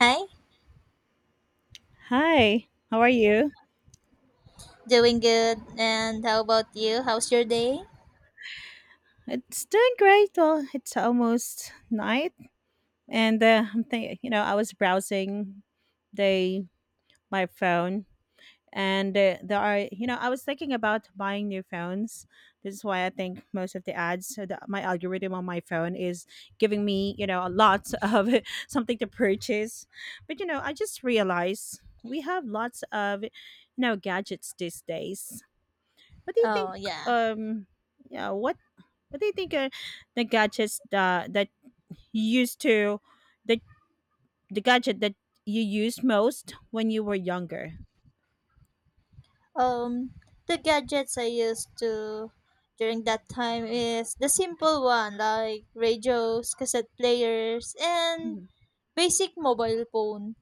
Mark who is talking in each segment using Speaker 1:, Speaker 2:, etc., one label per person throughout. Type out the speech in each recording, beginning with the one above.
Speaker 1: Hi,
Speaker 2: Hi, how are you?
Speaker 1: doing good. And how about you? How's your day?
Speaker 2: It's doing great. Well, it's almost night, and I'm thinking. I was browsing the my phone, and there are I was thinking about buying new phones. This is why I think most of the ads, so my algorithm on my phone is giving me a lot of something to purchase. But I just realized we have lots of gadgets these days. What do you think?
Speaker 1: Oh, yeah.
Speaker 2: Um, yeah. What do you think are the gadgets that you used to the the gadget that you used most when you were younger?
Speaker 1: Um, the gadgets I used to during that time is the simple one like radios, cassette players, and
Speaker 2: Mhm.
Speaker 1: basic mobile phone.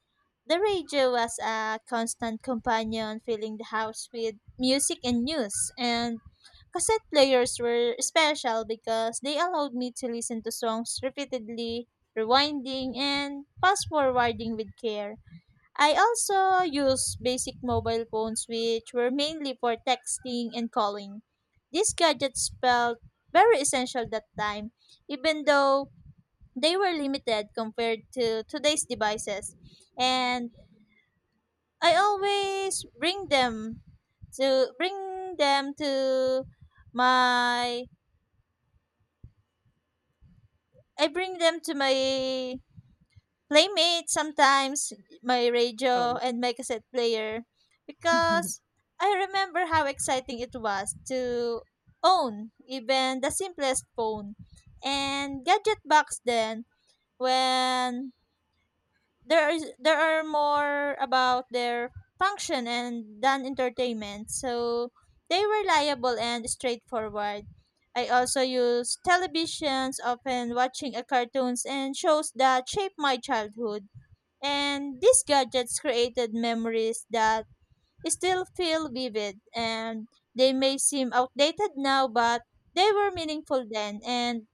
Speaker 1: The radio was a constant companion, filling the house with music and news. And cassette players were special because they allowed me to listen to songs repeatedly, rewinding, and fast forwarding with care. I also used basic mobile phones, which were mainly for texting and calling. These gadgets felt very essential that time, even though they were limited compared to today's devices, and I always to bring them to my bring them to my playmate sometimes, my
Speaker 2: Oh,
Speaker 1: radio
Speaker 2: yeah.
Speaker 1: and my cassette player, because I remember how exciting it was to own even the simplest phone and gadget box then, when there are more about their function and than entertainment. So they were reliable and straightforward. I also use televisions, often watching a cartoons and shows that shaped my childhood. And these gadgets created memories that still feel vivid, and they may seem outdated now, but they were meaningful then, and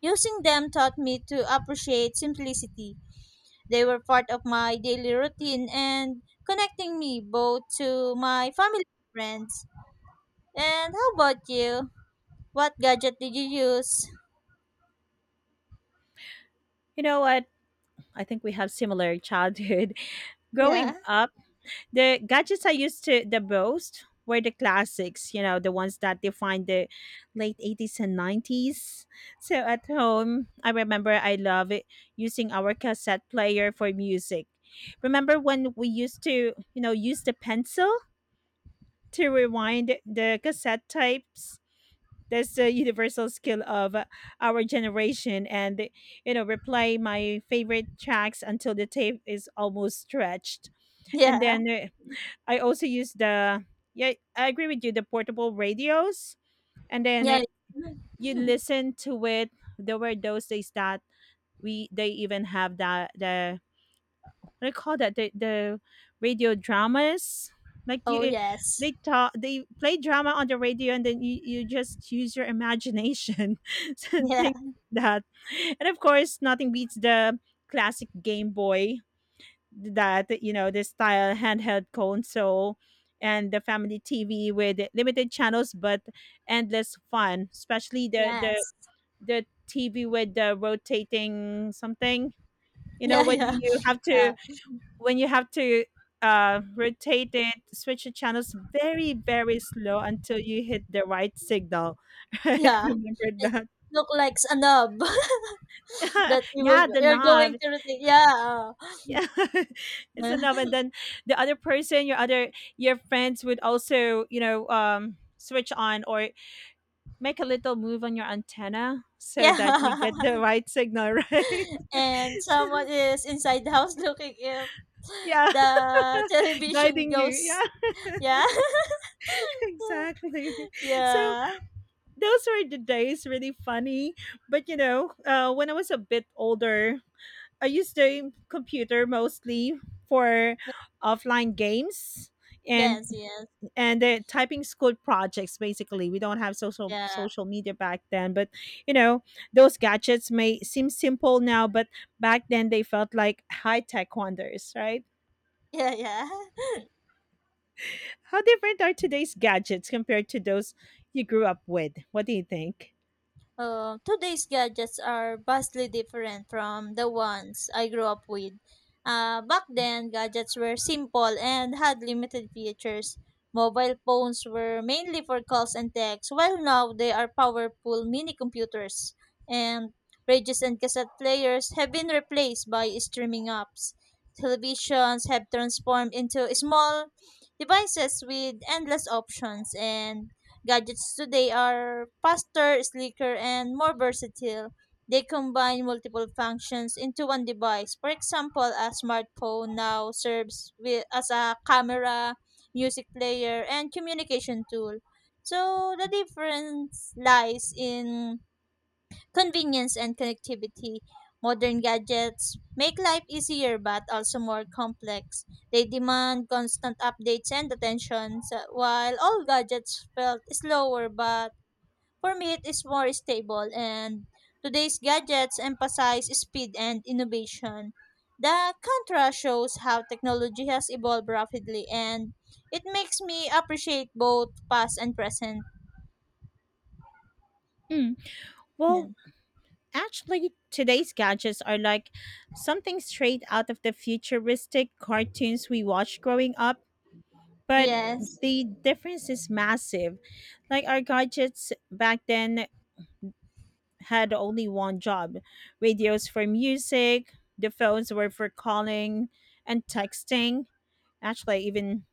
Speaker 1: using them taught me to appreciate simplicity. They were part of my daily routine and connecting me both to my family and friends. And how about you? What gadget did you use?
Speaker 2: You know what? I think we have similar childhood.
Speaker 1: Yeah,
Speaker 2: Growing up, the gadgets I used to the most were the classics, you know, the ones that defined the late 80s and 90s. So at home, I remember I love it, using our cassette player for music. Remember when we used to, you know, use the pencil to rewind the cassette tapes? That's the universal skill of our generation, and replay my favorite tracks until the tape is almost stretched, and
Speaker 1: yeah,
Speaker 2: then I also use the yeah, I agree with you, the portable radios. And then
Speaker 1: yeah.
Speaker 2: you listen to it. There were those days that we they even have that the what do you call that, the radio dramas like
Speaker 1: Oh,
Speaker 2: you,
Speaker 1: yes.
Speaker 2: they talk, they play drama on the radio, and then you just use your imagination so
Speaker 1: Yeah,
Speaker 2: things like that. And of course nothing beats the classic Game Boy, that you know, this style handheld console, and the family TV with limited channels but endless fun. Especially the
Speaker 1: yes.
Speaker 2: TV with the rotating something. You know
Speaker 1: Yeah,
Speaker 2: when
Speaker 1: yeah.
Speaker 2: you have to,
Speaker 1: Uh,
Speaker 2: when you have to rotate it, switch the channels very, very slow until you hit the right signal, right?
Speaker 1: yeah.
Speaker 2: Remember that?
Speaker 1: Look like a knob that you will
Speaker 2: Yeah, the
Speaker 1: you're
Speaker 2: knob.
Speaker 1: going to rotate. Yeah.
Speaker 2: Yeah, it's enough. And then the other person, your other, your friends would also, you know, switch on or make a little move on your antenna so that you
Speaker 1: Yeah.
Speaker 2: get the right signal, right?
Speaker 1: And
Speaker 2: So,
Speaker 1: someone is inside the house looking if
Speaker 2: yeah.
Speaker 1: the television
Speaker 2: Guiding you,
Speaker 1: goes.
Speaker 2: yeah.
Speaker 1: Yeah.
Speaker 2: Exactly. So
Speaker 1: Yeah.
Speaker 2: those were the days, really funny. But you know, when I was a bit older, I used the computer mostly for offline games, and
Speaker 1: Yes, yes.
Speaker 2: the typing school projects. Basically we don't have
Speaker 1: Yeah.
Speaker 2: social media back then, but you know, those gadgets may seem simple now, but back then they felt like high tech wonders, right?
Speaker 1: Yeah, yeah.
Speaker 2: How different are today's gadgets compared to those you grew up with? What do you think?
Speaker 1: Today's gadgets are vastly different from the ones I grew up with. Back then, gadgets were simple and had limited features. Mobile phones were mainly for calls and texts, while now they are powerful mini computers. And radios and cassette players have been replaced by streaming apps. Televisions have transformed into small devices with endless options, and gadgets today are faster, sleeker, and more versatile. They combine multiple functions into one device. For example, a smartphone now serves with, as a camera, music player, and communication tool. So the difference lies in convenience and connectivity. Modern gadgets make life easier but also more complex. They demand constant updates and attention, while all gadgets felt slower, but for me it is more stable. And today's gadgets emphasize speed and innovation. The contrast shows how technology has evolved rapidly, and it makes me appreciate both past and present.
Speaker 2: Mm.
Speaker 1: Yeah.
Speaker 2: Well, actually, today's gadgets are like something straight out of the futuristic cartoons we watched growing up, but
Speaker 1: Yes.
Speaker 2: the difference is massive. Like our gadgets back then had only one job: radios for music, the phones were for calling and texting. Actually, I even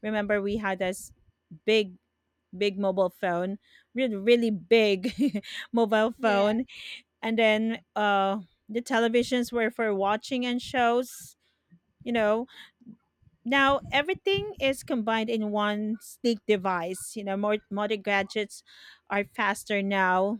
Speaker 2: remember we had this big, big mobile phone, really big mobile
Speaker 1: Yeah.
Speaker 2: phone. And then the televisions were for watching and shows, you know. Now everything is combined in one sleek device. You know, more modern gadgets are faster now,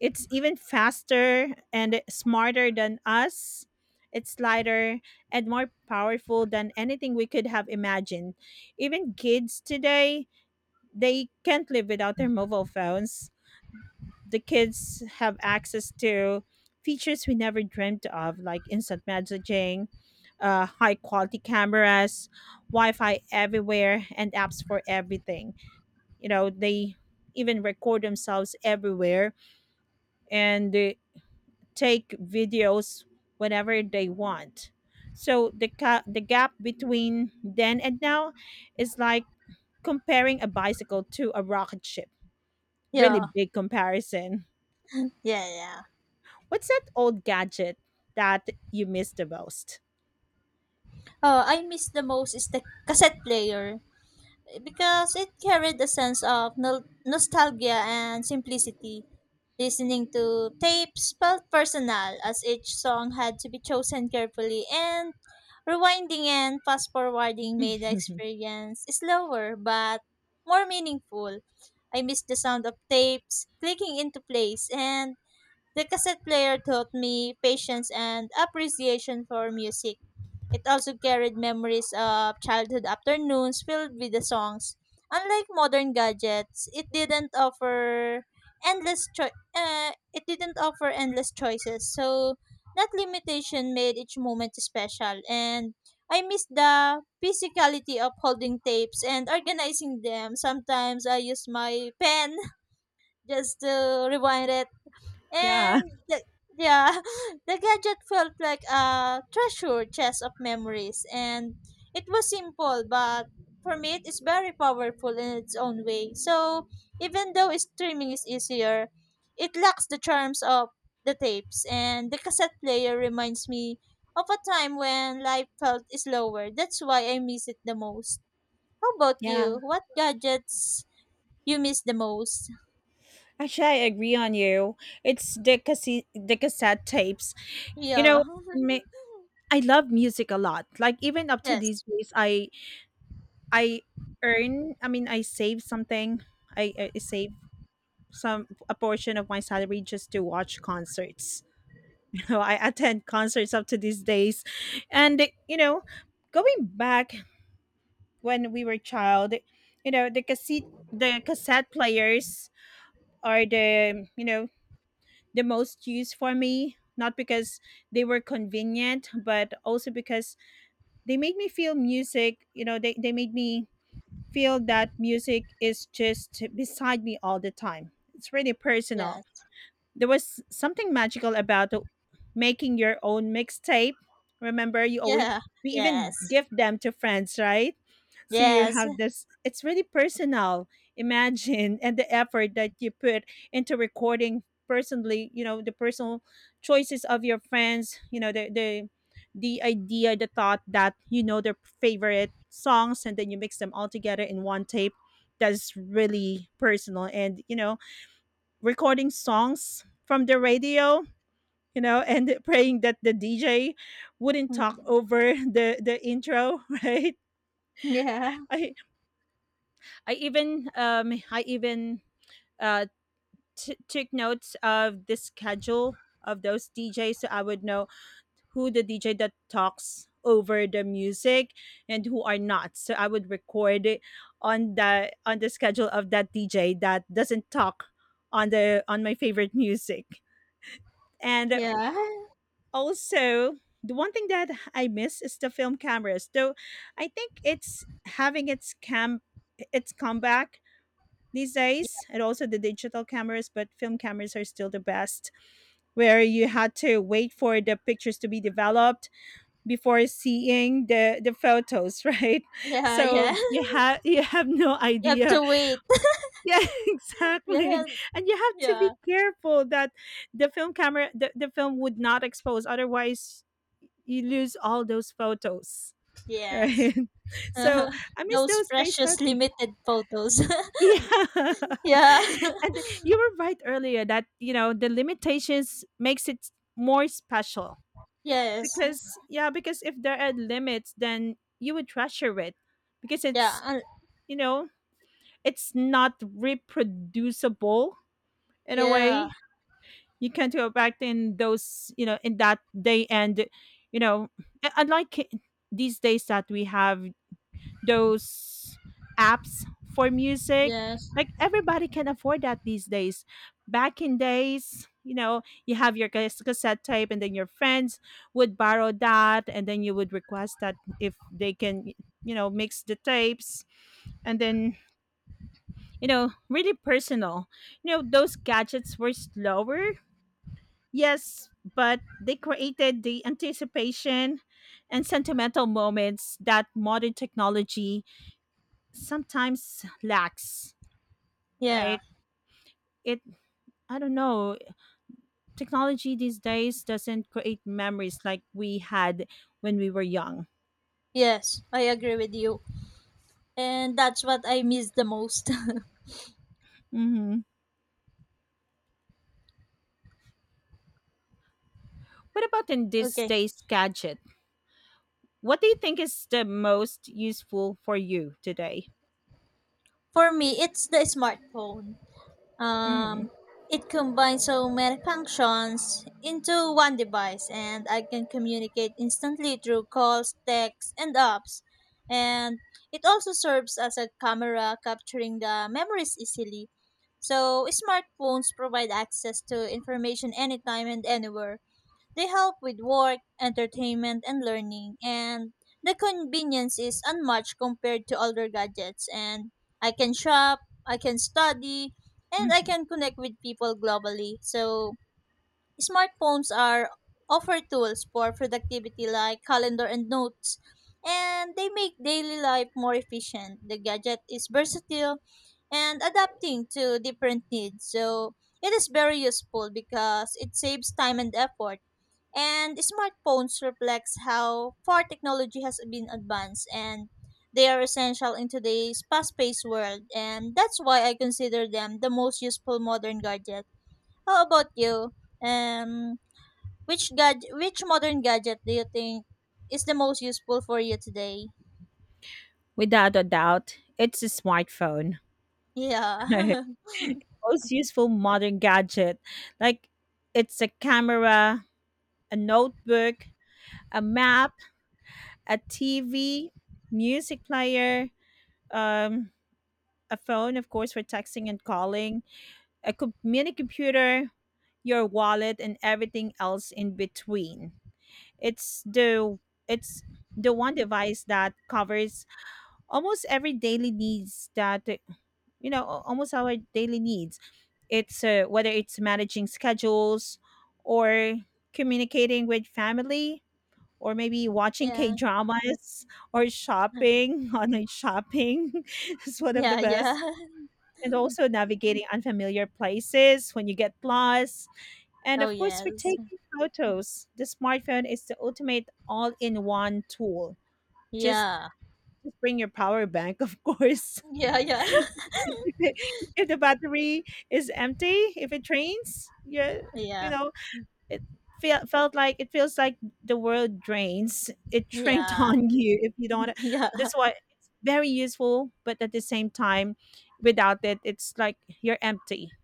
Speaker 2: it's even faster and smarter than us, it's lighter and more powerful than anything we could have imagined. Even kids today, they can't live without their mobile phones. The kids have access to features we never dreamt of, like instant messaging, high quality cameras, Wi Fi everywhere, and apps for everything. You know, they even record themselves everywhere, and they take videos whenever they want. So the gap between then and now is like comparing a bicycle to a rocket ship. Really
Speaker 1: Yeah.
Speaker 2: big comparison.
Speaker 1: Yeah. Yeah.
Speaker 2: What's that old gadget that you miss the most?
Speaker 1: Oh, I miss the most is the cassette player because it carried a sense of nostalgia and simplicity. Listening to tapes felt personal as each song had to be chosen carefully, and rewinding and fast forwarding made the experience slower but more meaningful. I miss the sound of tapes clicking into place, and the cassette player taught me patience and appreciation for music. It also carried memories of childhood afternoons filled with the songs. Unlike modern gadgets, it didn't offer endless choices. So that limitation made each moment special, and I miss the physicality of holding tapes and organizing them. Sometimes I use my pen just to rewind it,
Speaker 2: Yeah,
Speaker 1: and yeah, the gadget felt like a treasure chest of memories. And it was simple, but for me, it is very powerful in its own way. So even though streaming is easier, it lacks the charms of the tapes. And the cassette player reminds me of a time when life felt slower. That's why I miss it the most. How about you?
Speaker 2: yeah.
Speaker 1: What gadgets you miss the most?
Speaker 2: Actually, I agree on you. It's the cassette tapes. You know,
Speaker 1: Yeah.
Speaker 2: ma- I love music a lot. Like even up to these
Speaker 1: Yes.
Speaker 2: days, I earn. I mean, I save something. I save some a portion of my salary just to watch concerts. You know, I attend concerts up to these days, and you know, going back when we were child, you know, the cassette players are the, you know, the most used for me. Not because they were convenient, but also because they made me feel music. You know, they made me feel that music is just beside me all the time. It's really
Speaker 1: Yeah.
Speaker 2: personal. There was something magical about making your own mixtape. Remember, you always,
Speaker 1: Yeah.
Speaker 2: we even
Speaker 1: Yes.
Speaker 2: give them to friends, right? So you
Speaker 1: Yes.
Speaker 2: have this. It's really personal. Imagine and the effort that you put into recording personally. You know, the personal choices of your friends. You know the idea, the thought, that you know their favorite songs, and then you mix them all together in one tape. That's really personal. And you know, recording songs from the radio, you know, and praying that the DJ wouldn't talk
Speaker 1: Mm.
Speaker 2: over the intro, right?
Speaker 1: Yeah.
Speaker 2: I I even uh took notes of the schedule of those DJs so I would know who the DJ that talks over the music and who are not. So I would record it on the schedule of that DJ that doesn't talk on the on my favorite music. And
Speaker 1: Yeah.
Speaker 2: also, the one thing that I miss is the film cameras. Though I think it's having its comeback these days, and also the digital cameras, but film cameras are still the best, where you had to wait for the pictures to be developed before seeing the photos, right?
Speaker 1: Yeah. Yeah.
Speaker 2: So you have, you have no
Speaker 1: You have
Speaker 2: idea.
Speaker 1: to wait.
Speaker 2: Yeah, exactly.
Speaker 1: Yeah.
Speaker 2: And you have to be
Speaker 1: Yeah.
Speaker 2: careful that the film camera, the film would not expose, otherwise you lose all those photos,
Speaker 1: Yes.
Speaker 2: right? So I miss
Speaker 1: Those
Speaker 2: those days that
Speaker 1: precious limited photos.
Speaker 2: yeah.
Speaker 1: Yeah.
Speaker 2: And you were right earlier that, you know, the limitations makes it more special.
Speaker 1: Yes.
Speaker 2: Because yeah, because if there are limits, then you would treasure it, because
Speaker 1: Yeah.
Speaker 2: it's, you know, it's not reproducible in a
Speaker 1: Yeah.
Speaker 2: way. You can't go back in those, you know, in that day. And you know, unlike these days that we have those apps for music,
Speaker 1: Yes.
Speaker 2: like everybody can afford that these days. Back in days, you know, you have your cassette tape, and then your friends would borrow that, and then you would request that if they can, you know, mix the tapes, and then you know, really personal. You know, those gadgets were slower, yes, but they created the anticipation and sentimental moments that modern technology sometimes lacks,
Speaker 1: Yeah.
Speaker 2: right? It I don't know. Technology these days doesn't create memories like we had when we were young.
Speaker 1: Yes, I agree with you. And that's what I miss the most.
Speaker 2: Hmm. What about in this
Speaker 1: Okay.
Speaker 2: day's gadget? What do you think is the most useful for you today?
Speaker 1: For me, it's the smartphone.
Speaker 2: Hmm.
Speaker 1: Um, it combines so many functions into one device, and I can communicate instantly through calls, texts, and apps. And it also serves as a camera, capturing the memories easily. So, smartphones provide access to information anytime and anywhere. They help with work, entertainment, and learning, and the convenience is unmatched compared to older gadgets. And I can shop, I can study, and I
Speaker 2: Hmm.
Speaker 1: can connect with people globally. So, smartphones are offer tools for productivity like calendar and notes, and they make daily life more efficient. The gadget is versatile and adapting to different needs. So, it is very useful because it saves time and effort, and smartphones reflects how far technology has been advanced, and they are essential in today's fast-paced world, and that's why I consider them the most useful modern gadget. How about you? Um which modern gadget do you think is the most useful for you today?
Speaker 2: Without a doubt, it's a smartphone.
Speaker 1: Yeah.
Speaker 2: Most useful modern gadget. Like it's a camera, a notebook, a map, a TV, music player, um, a phone, of course, for texting and calling, mini computer, your wallet, and everything else in between. It's the it's the one device that covers almost every daily needs, that you know, almost our daily needs. It's whether it's managing schedules, or communicating with family, or maybe watching K
Speaker 1: Yeah.
Speaker 2: dramas, or shopping, online shopping is one of the
Speaker 1: Yeah,
Speaker 2: best.
Speaker 1: yeah.
Speaker 2: And also navigating unfamiliar places when you get lost. And
Speaker 1: Oh,
Speaker 2: of course, for
Speaker 1: yes.
Speaker 2: taking photos, the smartphone is the ultimate all in one tool. Just
Speaker 1: Yeah.
Speaker 2: bring your power bank, of course.
Speaker 1: Yeah, yeah.
Speaker 2: If the battery is empty, if it drains, you you
Speaker 1: Yeah.
Speaker 2: know, it it feels like the world drains, it drained
Speaker 1: Yeah.
Speaker 2: on you if you don't.
Speaker 1: Yeah.
Speaker 2: That's why it's very useful, but at the same time, without it it's like you're empty,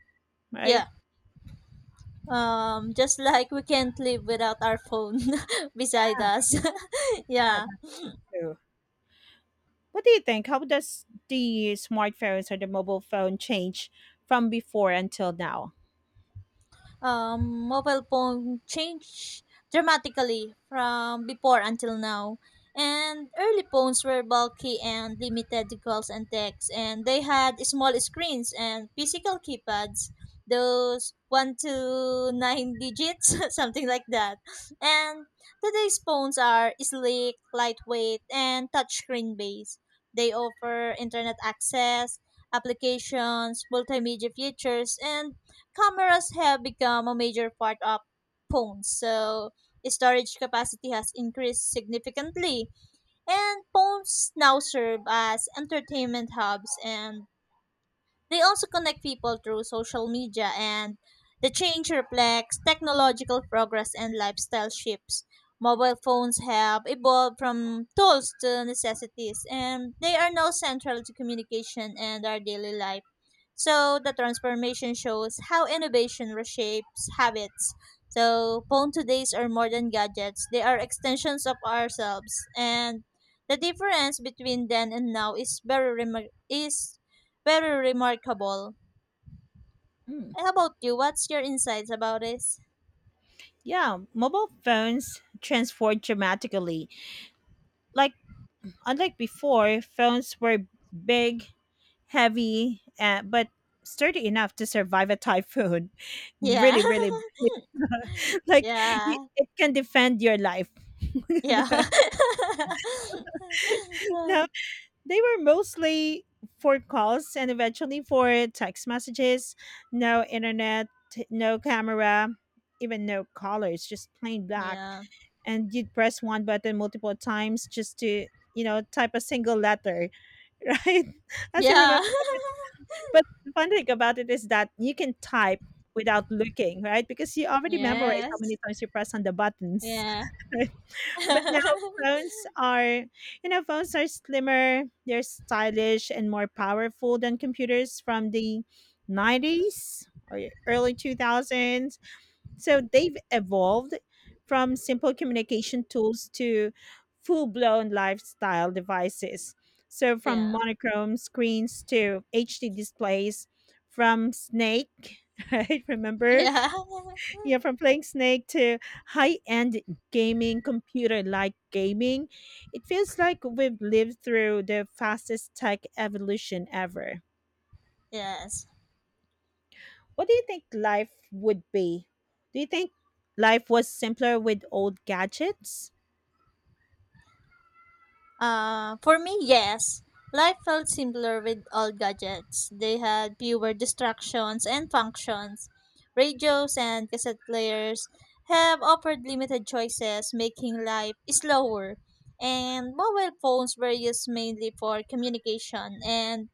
Speaker 2: right?
Speaker 1: Yeah. Just like we can't live without our phone beside us.
Speaker 2: Yeah,
Speaker 1: Yeah.
Speaker 2: that's true. What do you think, how does the smartphones or the mobile phone change from before until now?
Speaker 1: Mobile phone changed dramatically from before until now. And early phones were bulky and limited to calls and texts, and they had small screens and physical keypads, those one to nine digits, something like that. And today's phones are sleek, lightweight, and touchscreen based. They offer internet access, applications, multimedia features, and cameras have become a major part of phones. So storage capacity has increased significantly, and phones now serve as entertainment hubs, and they also connect people through social media. And the change reflects technological progress and lifestyle shifts. Mobile phones have evolved from tools to necessities, and they are now central to communication and our daily life, so the transformation shows how innovation reshapes habits. So phone todays are more than gadgets. They are extensions of ourselves. And the difference between then and now is very remarkable.
Speaker 2: Mm.
Speaker 1: How about you? What's your insights about this?
Speaker 2: Yeah, mobile phones transformed dramatically. Like unlike before, phones were big, heavy, but sturdy enough to survive a typhoon.
Speaker 1: Yeah.
Speaker 2: Really, big. Like
Speaker 1: Yeah.
Speaker 2: it can defend your life.
Speaker 1: Yeah.
Speaker 2: No. They were mostly for calls and eventually for text messages. No internet, no camera, even no colors, just plain black.
Speaker 1: Yeah.
Speaker 2: And you'd press one button multiple times just to, you know, type a single letter, right? As I
Speaker 1: Yeah.
Speaker 2: remember. But the fun thing about it is that you can type without looking, right? Because you already memorize how
Speaker 1: Yes.
Speaker 2: many times you press on the buttons.
Speaker 1: Yeah.
Speaker 2: But now phones are, you know, phones are slimmer, they're stylish and more powerful than computers from the 90s or early 2000s. So they've evolved from simple communication tools to full blown lifestyle devices. So
Speaker 1: Yeah.
Speaker 2: from monochrome screens to HD displays, from Snake, right? Remember?
Speaker 1: Yeah.
Speaker 2: Yeah, from playing Snake to high-end gaming, computer-like gaming, it feels like we've lived through the fastest tech evolution ever.
Speaker 1: Yes.
Speaker 2: What do you think life would be? Do you think life was simpler with old gadgets?
Speaker 1: For me, yes. Life felt simpler with all gadgets. They had fewer distractions and functions. Radios and cassette players have offered limited choices, making life slower. And mobile phones were used mainly for communication, and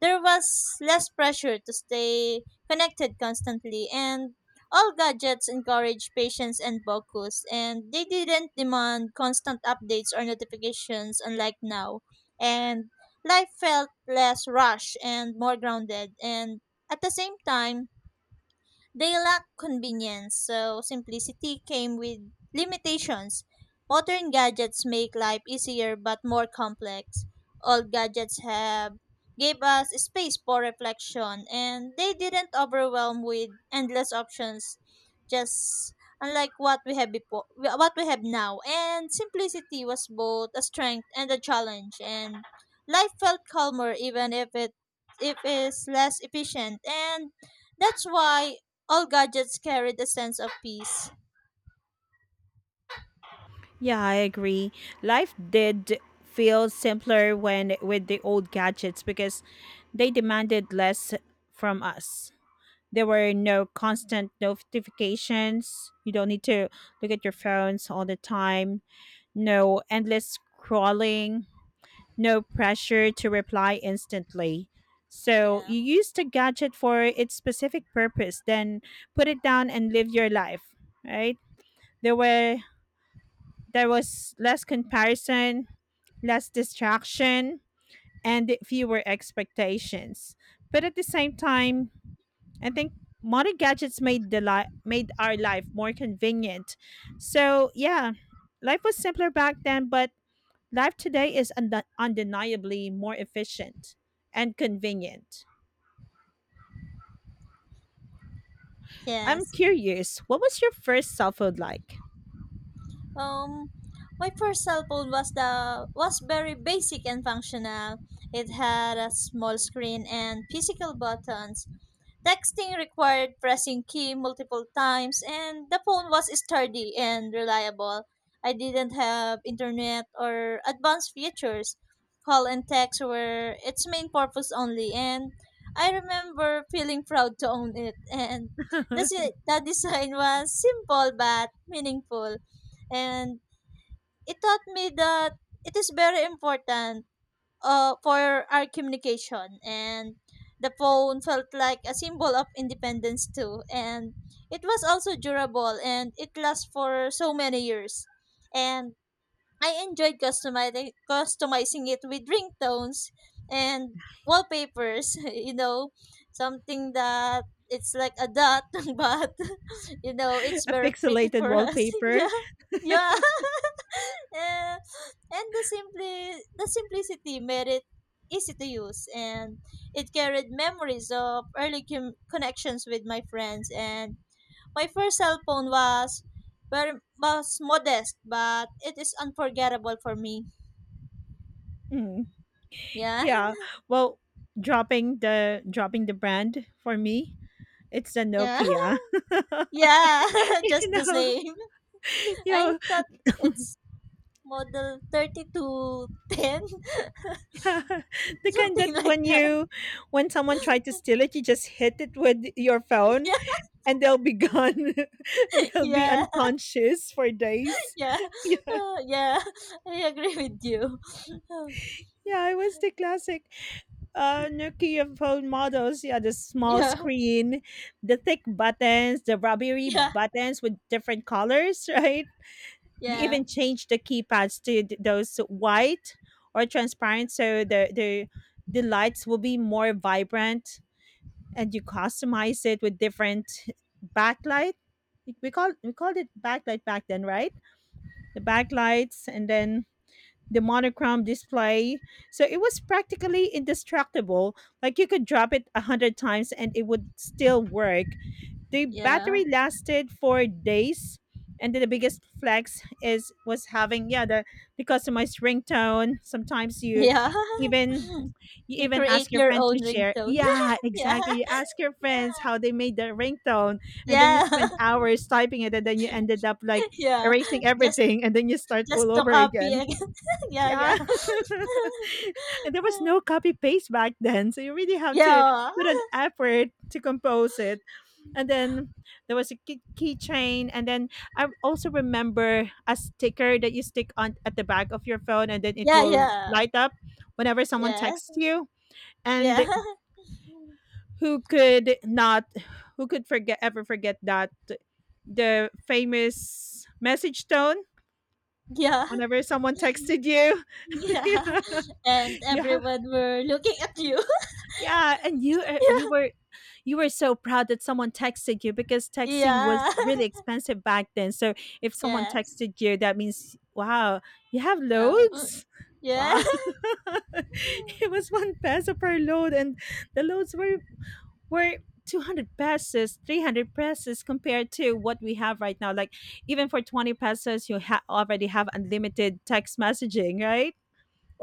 Speaker 1: there was less pressure to stay connected constantly. And all gadgets encourage patience and focus, and they didn't demand constant updates or notifications unlike now. And life felt less rushed and more grounded. And at the same time, they lack convenience, so simplicity came with limitations. Modern gadgets make life easier but more complex. Old gadgets have gave us space for reflection, and they didn't overwhelm with endless options, just unlike what we have before what we have now, and simplicity was both a strength and a challenge, and life felt calmer even if it if is less efficient, and that's why all gadgets carried a sense of peace.
Speaker 2: Yeah, I agree. Life did feel simpler when with the old gadgets because they demanded less from us. There were no constant notifications. You don't need to look at your phones all the time. No endless scrolling. No pressure to reply instantly. So
Speaker 1: Yeah.
Speaker 2: you use the gadget for its specific purpose, then put it down and live your life, right? There were there was less comparison, less distraction, and fewer expectations. But at the same time, I think modern gadgets made made our life more convenient. So yeah, life was simpler back then, but life today is undeniably more efficient and convenient. I'm
Speaker 1: Yes.
Speaker 2: curious, what was your first cell phone like?
Speaker 1: Um, my first cell phone was the was very basic and functional. It had a small screen and physical buttons. Texting required pressing key multiple times, and the phone was sturdy and reliable. I didn't have internet or advanced features. Call and text were its main purpose only, and I remember feeling proud to own it. And the,
Speaker 2: A
Speaker 1: si- the design was simple but meaningful, and it taught me that it is very important, for our communication, and the phone felt like a symbol of independence too, and it was also durable, and it lasts for so many years, and I enjoyed customizing it with ringtones and wallpapers, something that it's like a dot, but it's very pretty
Speaker 2: pixelated
Speaker 1: for us.
Speaker 2: wallpaper?
Speaker 1: Yeah, yeah. Eh, and the simplicity made it easy to use, and it carried memories of early connections with my friends, and my first cell phone was very was modest but it is unforgettable for me.
Speaker 2: Mm,
Speaker 1: Yeah.
Speaker 2: yeah. Well, dropping the brand for me, it's the
Speaker 1: Yeah,
Speaker 2: Nokia.
Speaker 1: yeah.
Speaker 2: You
Speaker 1: Just the
Speaker 2: know,
Speaker 1: same, I
Speaker 2: yeah,
Speaker 1: thought it's model thirty to ten,
Speaker 2: the kind that
Speaker 1: something like that.
Speaker 2: when someone tried to steal it, you just hit it with your phone
Speaker 1: Yeah,
Speaker 2: and they'll be gone. They'll be
Speaker 1: yeah,
Speaker 2: unconscious for days.
Speaker 1: yeah.
Speaker 2: Yeah,
Speaker 1: Yeah, I agree with you.
Speaker 2: yeah, it was the classic Nokia phone models. Yeah, the small
Speaker 1: Yeah,
Speaker 2: screen, the thick buttons, the rubbery
Speaker 1: yeah,
Speaker 2: buttons with different colors, right? You
Speaker 1: yeah,
Speaker 2: even change the keypads to those white or transparent, so the lights will be more vibrant and you customize it with different backlight. We called it backlight back then, right? The backlights, and then the monochrome display. So it was practically indestructible. Like, you could drop it 100 times and it would still work, the
Speaker 1: yeah,
Speaker 2: battery lasted for days, and then the biggest flex is was having, yeah, the customized ringtone. Sometimes you
Speaker 1: yeah.
Speaker 2: even you
Speaker 1: You
Speaker 2: even
Speaker 1: create
Speaker 2: ask your
Speaker 1: your
Speaker 2: friend to
Speaker 1: own
Speaker 2: share.
Speaker 1: ringtone.
Speaker 2: Yeah,
Speaker 1: Yeah,
Speaker 2: exactly. You ask your friends
Speaker 1: yeah,
Speaker 2: how they made their ringtone, and then you
Speaker 1: yeah,
Speaker 2: spend hours typing it, and then you ended up like
Speaker 1: yeah.
Speaker 2: erasing
Speaker 1: Just,
Speaker 2: everything, and then you start all
Speaker 1: just to
Speaker 2: over
Speaker 1: copy
Speaker 2: again.
Speaker 1: again. Yeah,
Speaker 2: Yeah,
Speaker 1: yeah,
Speaker 2: and there was no copy paste back then, so you really have to
Speaker 1: yeah,
Speaker 2: put an effort to compose it, and then there was a keychain, and then I also remember a sticker that you stick on at the back of your phone, and then it
Speaker 1: yeah,
Speaker 2: will
Speaker 1: yeah.
Speaker 2: light up whenever someone
Speaker 1: Yes,
Speaker 2: texts you.
Speaker 1: yeah,
Speaker 2: And who could not who could forget ever forget that the famous message tone
Speaker 1: yeah,
Speaker 2: whenever someone texted you.
Speaker 1: yeah.
Speaker 2: Yeah,
Speaker 1: And
Speaker 2: yeah,
Speaker 1: everyone were looking at you.
Speaker 2: yeah, and you you were so proud that someone texted you because texting
Speaker 1: Yeah,
Speaker 2: was really expensive back then. So if someone
Speaker 1: yes,
Speaker 2: texted you, that means, wow, you have
Speaker 1: oh,
Speaker 2: loads.
Speaker 1: yeah,
Speaker 2: Wow, it was 1 peso per load, and the loads were 200 pesos, 300 pesos, compared to what we have right now, like even for 20 pesos you already have unlimited text messaging, right?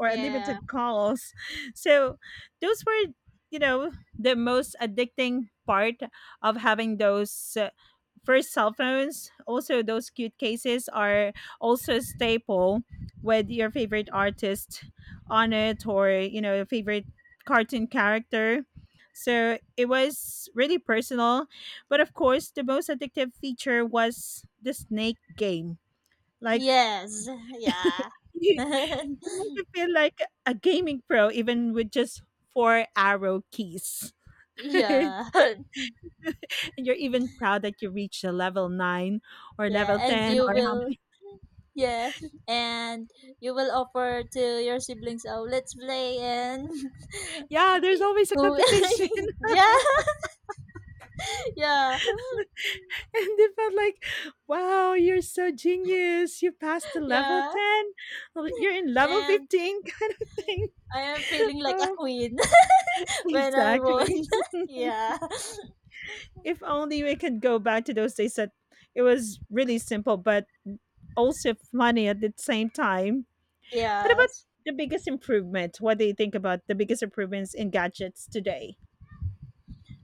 Speaker 1: yeah,
Speaker 2: unlimited calls. So those were, you know, the most addicting part of having those first cell phones. Also, those cute cases are also a staple with your favorite artist on it, or, you know, your favorite cartoon character. So it was really personal. But of course, the most addictive feature was the Snake game. Like,
Speaker 1: yes, yeah.
Speaker 2: it made you feel like a gaming pro even with just four arrow keys. And
Speaker 1: Yeah.
Speaker 2: you're even proud that you reached a level 9 or
Speaker 1: Yeah,
Speaker 2: level
Speaker 1: and
Speaker 2: 10,
Speaker 1: you
Speaker 2: or how
Speaker 1: will
Speaker 2: many.
Speaker 1: yeah, and you will offer to your siblings, oh, let's play, and
Speaker 2: Yeah, there's always a
Speaker 1: who.
Speaker 2: competition.
Speaker 1: Yeah, yeah,
Speaker 2: And they felt like, wow, you're so genius. You passed the level
Speaker 1: yeah,
Speaker 2: 10. Well, you're in level
Speaker 1: and
Speaker 2: 15.
Speaker 1: I am feeling like a
Speaker 2: Oh,
Speaker 1: queen when I won.
Speaker 2: exactly.
Speaker 1: Yeah,
Speaker 2: If only we could go back to those days that it was really simple, but also funny at the same time. What about
Speaker 1: yes.
Speaker 2: the biggest improvement? What do you think about the biggest improvements in gadgets today?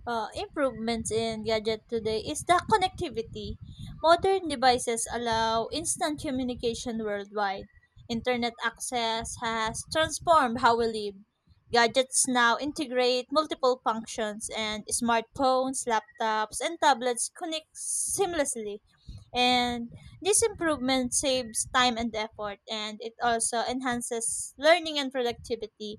Speaker 1: Improvements in gadget today is the connectivity. Modern devices allow instant communication worldwide. Internet access has transformed how we live. Gadgets now integrate multiple functions, and smartphones, laptops, and tablets connect seamlessly. And this improvement saves time and effort, and it also enhances learning and productivity.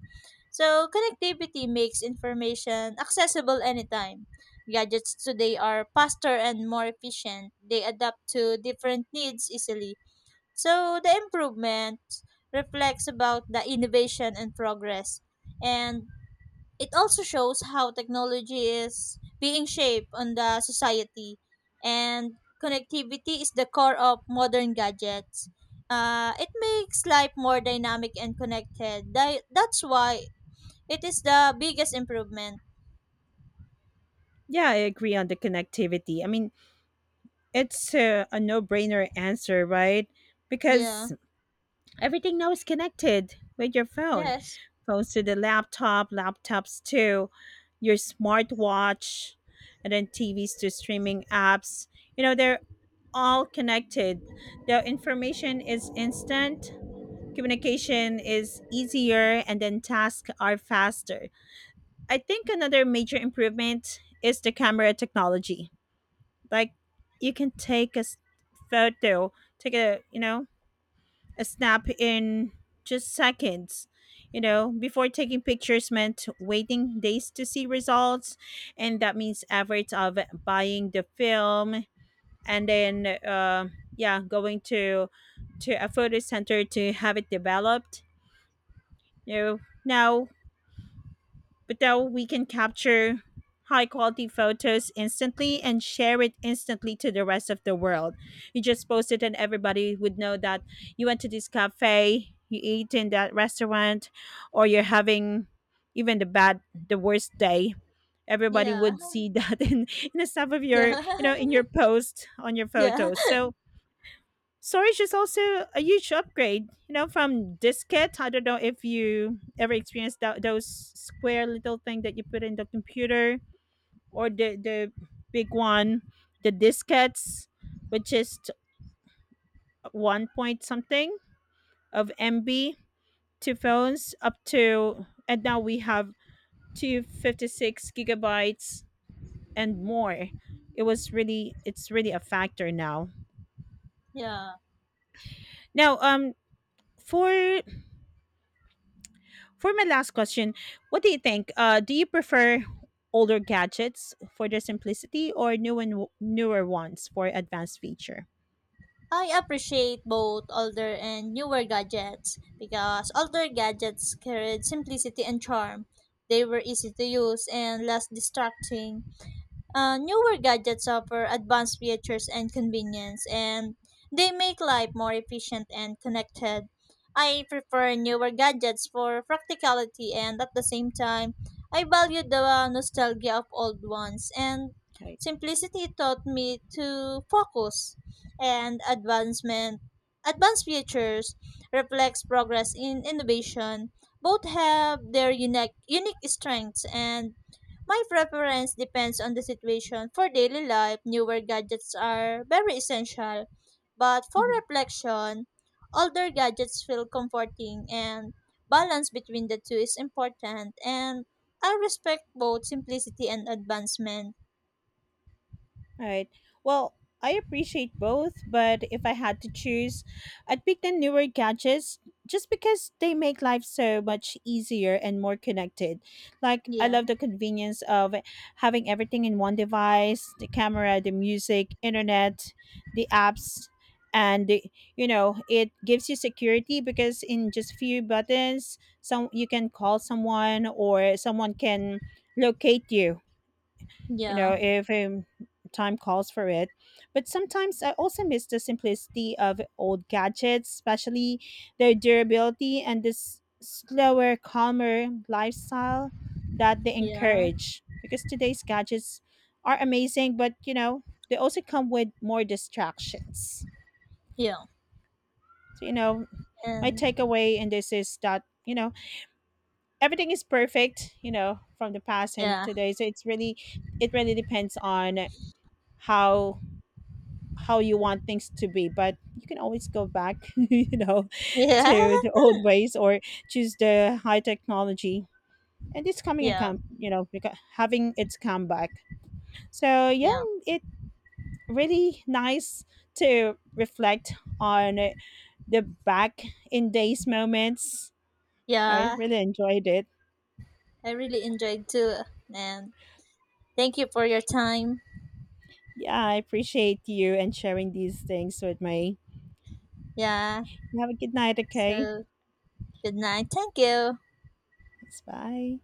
Speaker 1: So, connectivity makes information accessible anytime. Gadgets today are faster and more efficient. They adapt to different needs easily. So, the improvement reflects about the innovation and progress. And it also shows how technology is being shaped on the society, and connectivity is the core of modern gadgets. It makes life more dynamic and connected. That's why it is the biggest improvement.
Speaker 2: Yeah, I agree on the connectivity. I mean, it's a no brainer answer, right?
Speaker 1: Yeah,
Speaker 2: Because everything now is connected with your phone.
Speaker 1: yes,
Speaker 2: Phones to the laptop, laptops to your smartwatch, and then TVs to streaming apps. You know, they're all connected. The information is instant, communication is easier, and then tasks are faster. I think another major improvement is the camera technology. Like, you can take a photo, take a, you know, a snap in just seconds. You know, before, taking pictures meant waiting days to see results, and that means efforts of buying the film and then, yeah, going to a photo center to have it developed. You know, now but now we can capture high quality photos instantly and share it instantly to the rest of the world. You just post it and everybody would know that you went to this cafe, you ate in that restaurant, or you're having even the worst day. Everybody
Speaker 1: yeah.
Speaker 2: would see that in the stuff of
Speaker 1: Yeah.
Speaker 2: your, you know, in your post on your
Speaker 1: Yeah,
Speaker 2: photos. So storage is also a huge upgrade, you know, from diskette. I don't know if you ever experienced those square little thing that you put in the computer, or the big one, the diskettes, which is one point something of MB, to phones up to, and now we have 256 GB and more. It was really, it's really a factor now.
Speaker 1: yeah.
Speaker 2: Now, for for my last question, what do you think? Do you prefer older gadgets for their simplicity or new and newer ones for advanced feature?
Speaker 1: I appreciate both older and newer gadgets because older gadgets carried simplicity and charm. They were easy to use and less distracting. Uh, newer gadgets offer advanced features and convenience, and they make life more efficient and connected. I prefer newer gadgets for practicality, and at the same time, I value the nostalgia of old ones. And
Speaker 2: Right.
Speaker 1: simplicity taught me to focus, and advancement, advanced features reflects progress in innovation. Both have their unique strengths, and my preference depends on the situation. For daily life, newer gadgets are very essential, but for
Speaker 2: Mhm.
Speaker 1: reflection, older gadgets feel comforting, and balance between the two is important, and I respect both simplicity and advancement.
Speaker 2: All right. Well, I appreciate both, but if I had to choose, I'd pick the newer gadgets just because they make life so much easier and more connected. Like, I
Speaker 1: Yeah,
Speaker 2: love the convenience of having everything in one device, the camera, the music, internet, the apps. And the, you know, it gives you security because in just few buttons, some you can call someone or someone can locate you, you
Speaker 1: yeah,
Speaker 2: know, if, time calls for it. But sometimes I also miss the simplicity of old gadgets, especially their durability and this slower, calmer lifestyle that they
Speaker 1: yeah,
Speaker 2: encourage. Because today's gadgets are amazing, but, you know, they also come with more distractions.
Speaker 1: yeah,
Speaker 2: So, you know, my
Speaker 1: and
Speaker 2: takeaway in this is that, you know, everything is perfect, you know, from the past and
Speaker 1: yeah,
Speaker 2: today. So it's really, it really depends on how you want things to be, but you can always go back you know,
Speaker 1: yeah,
Speaker 2: to the old ways or choose the high technology, and it's coming a
Speaker 1: yeah,
Speaker 2: come, you know, having its comeback, so yeah,
Speaker 1: yeah,
Speaker 2: it really nice to reflect on the back in days moments. I
Speaker 1: yeah.
Speaker 2: really enjoyed it.
Speaker 1: I really enjoyed too, and thank you for your time.
Speaker 2: Yeah, I appreciate you and sharing these things with me.
Speaker 1: Yeah,
Speaker 2: You have a good night, okay?
Speaker 1: so good night. Thank you.
Speaker 2: Thanks, bye.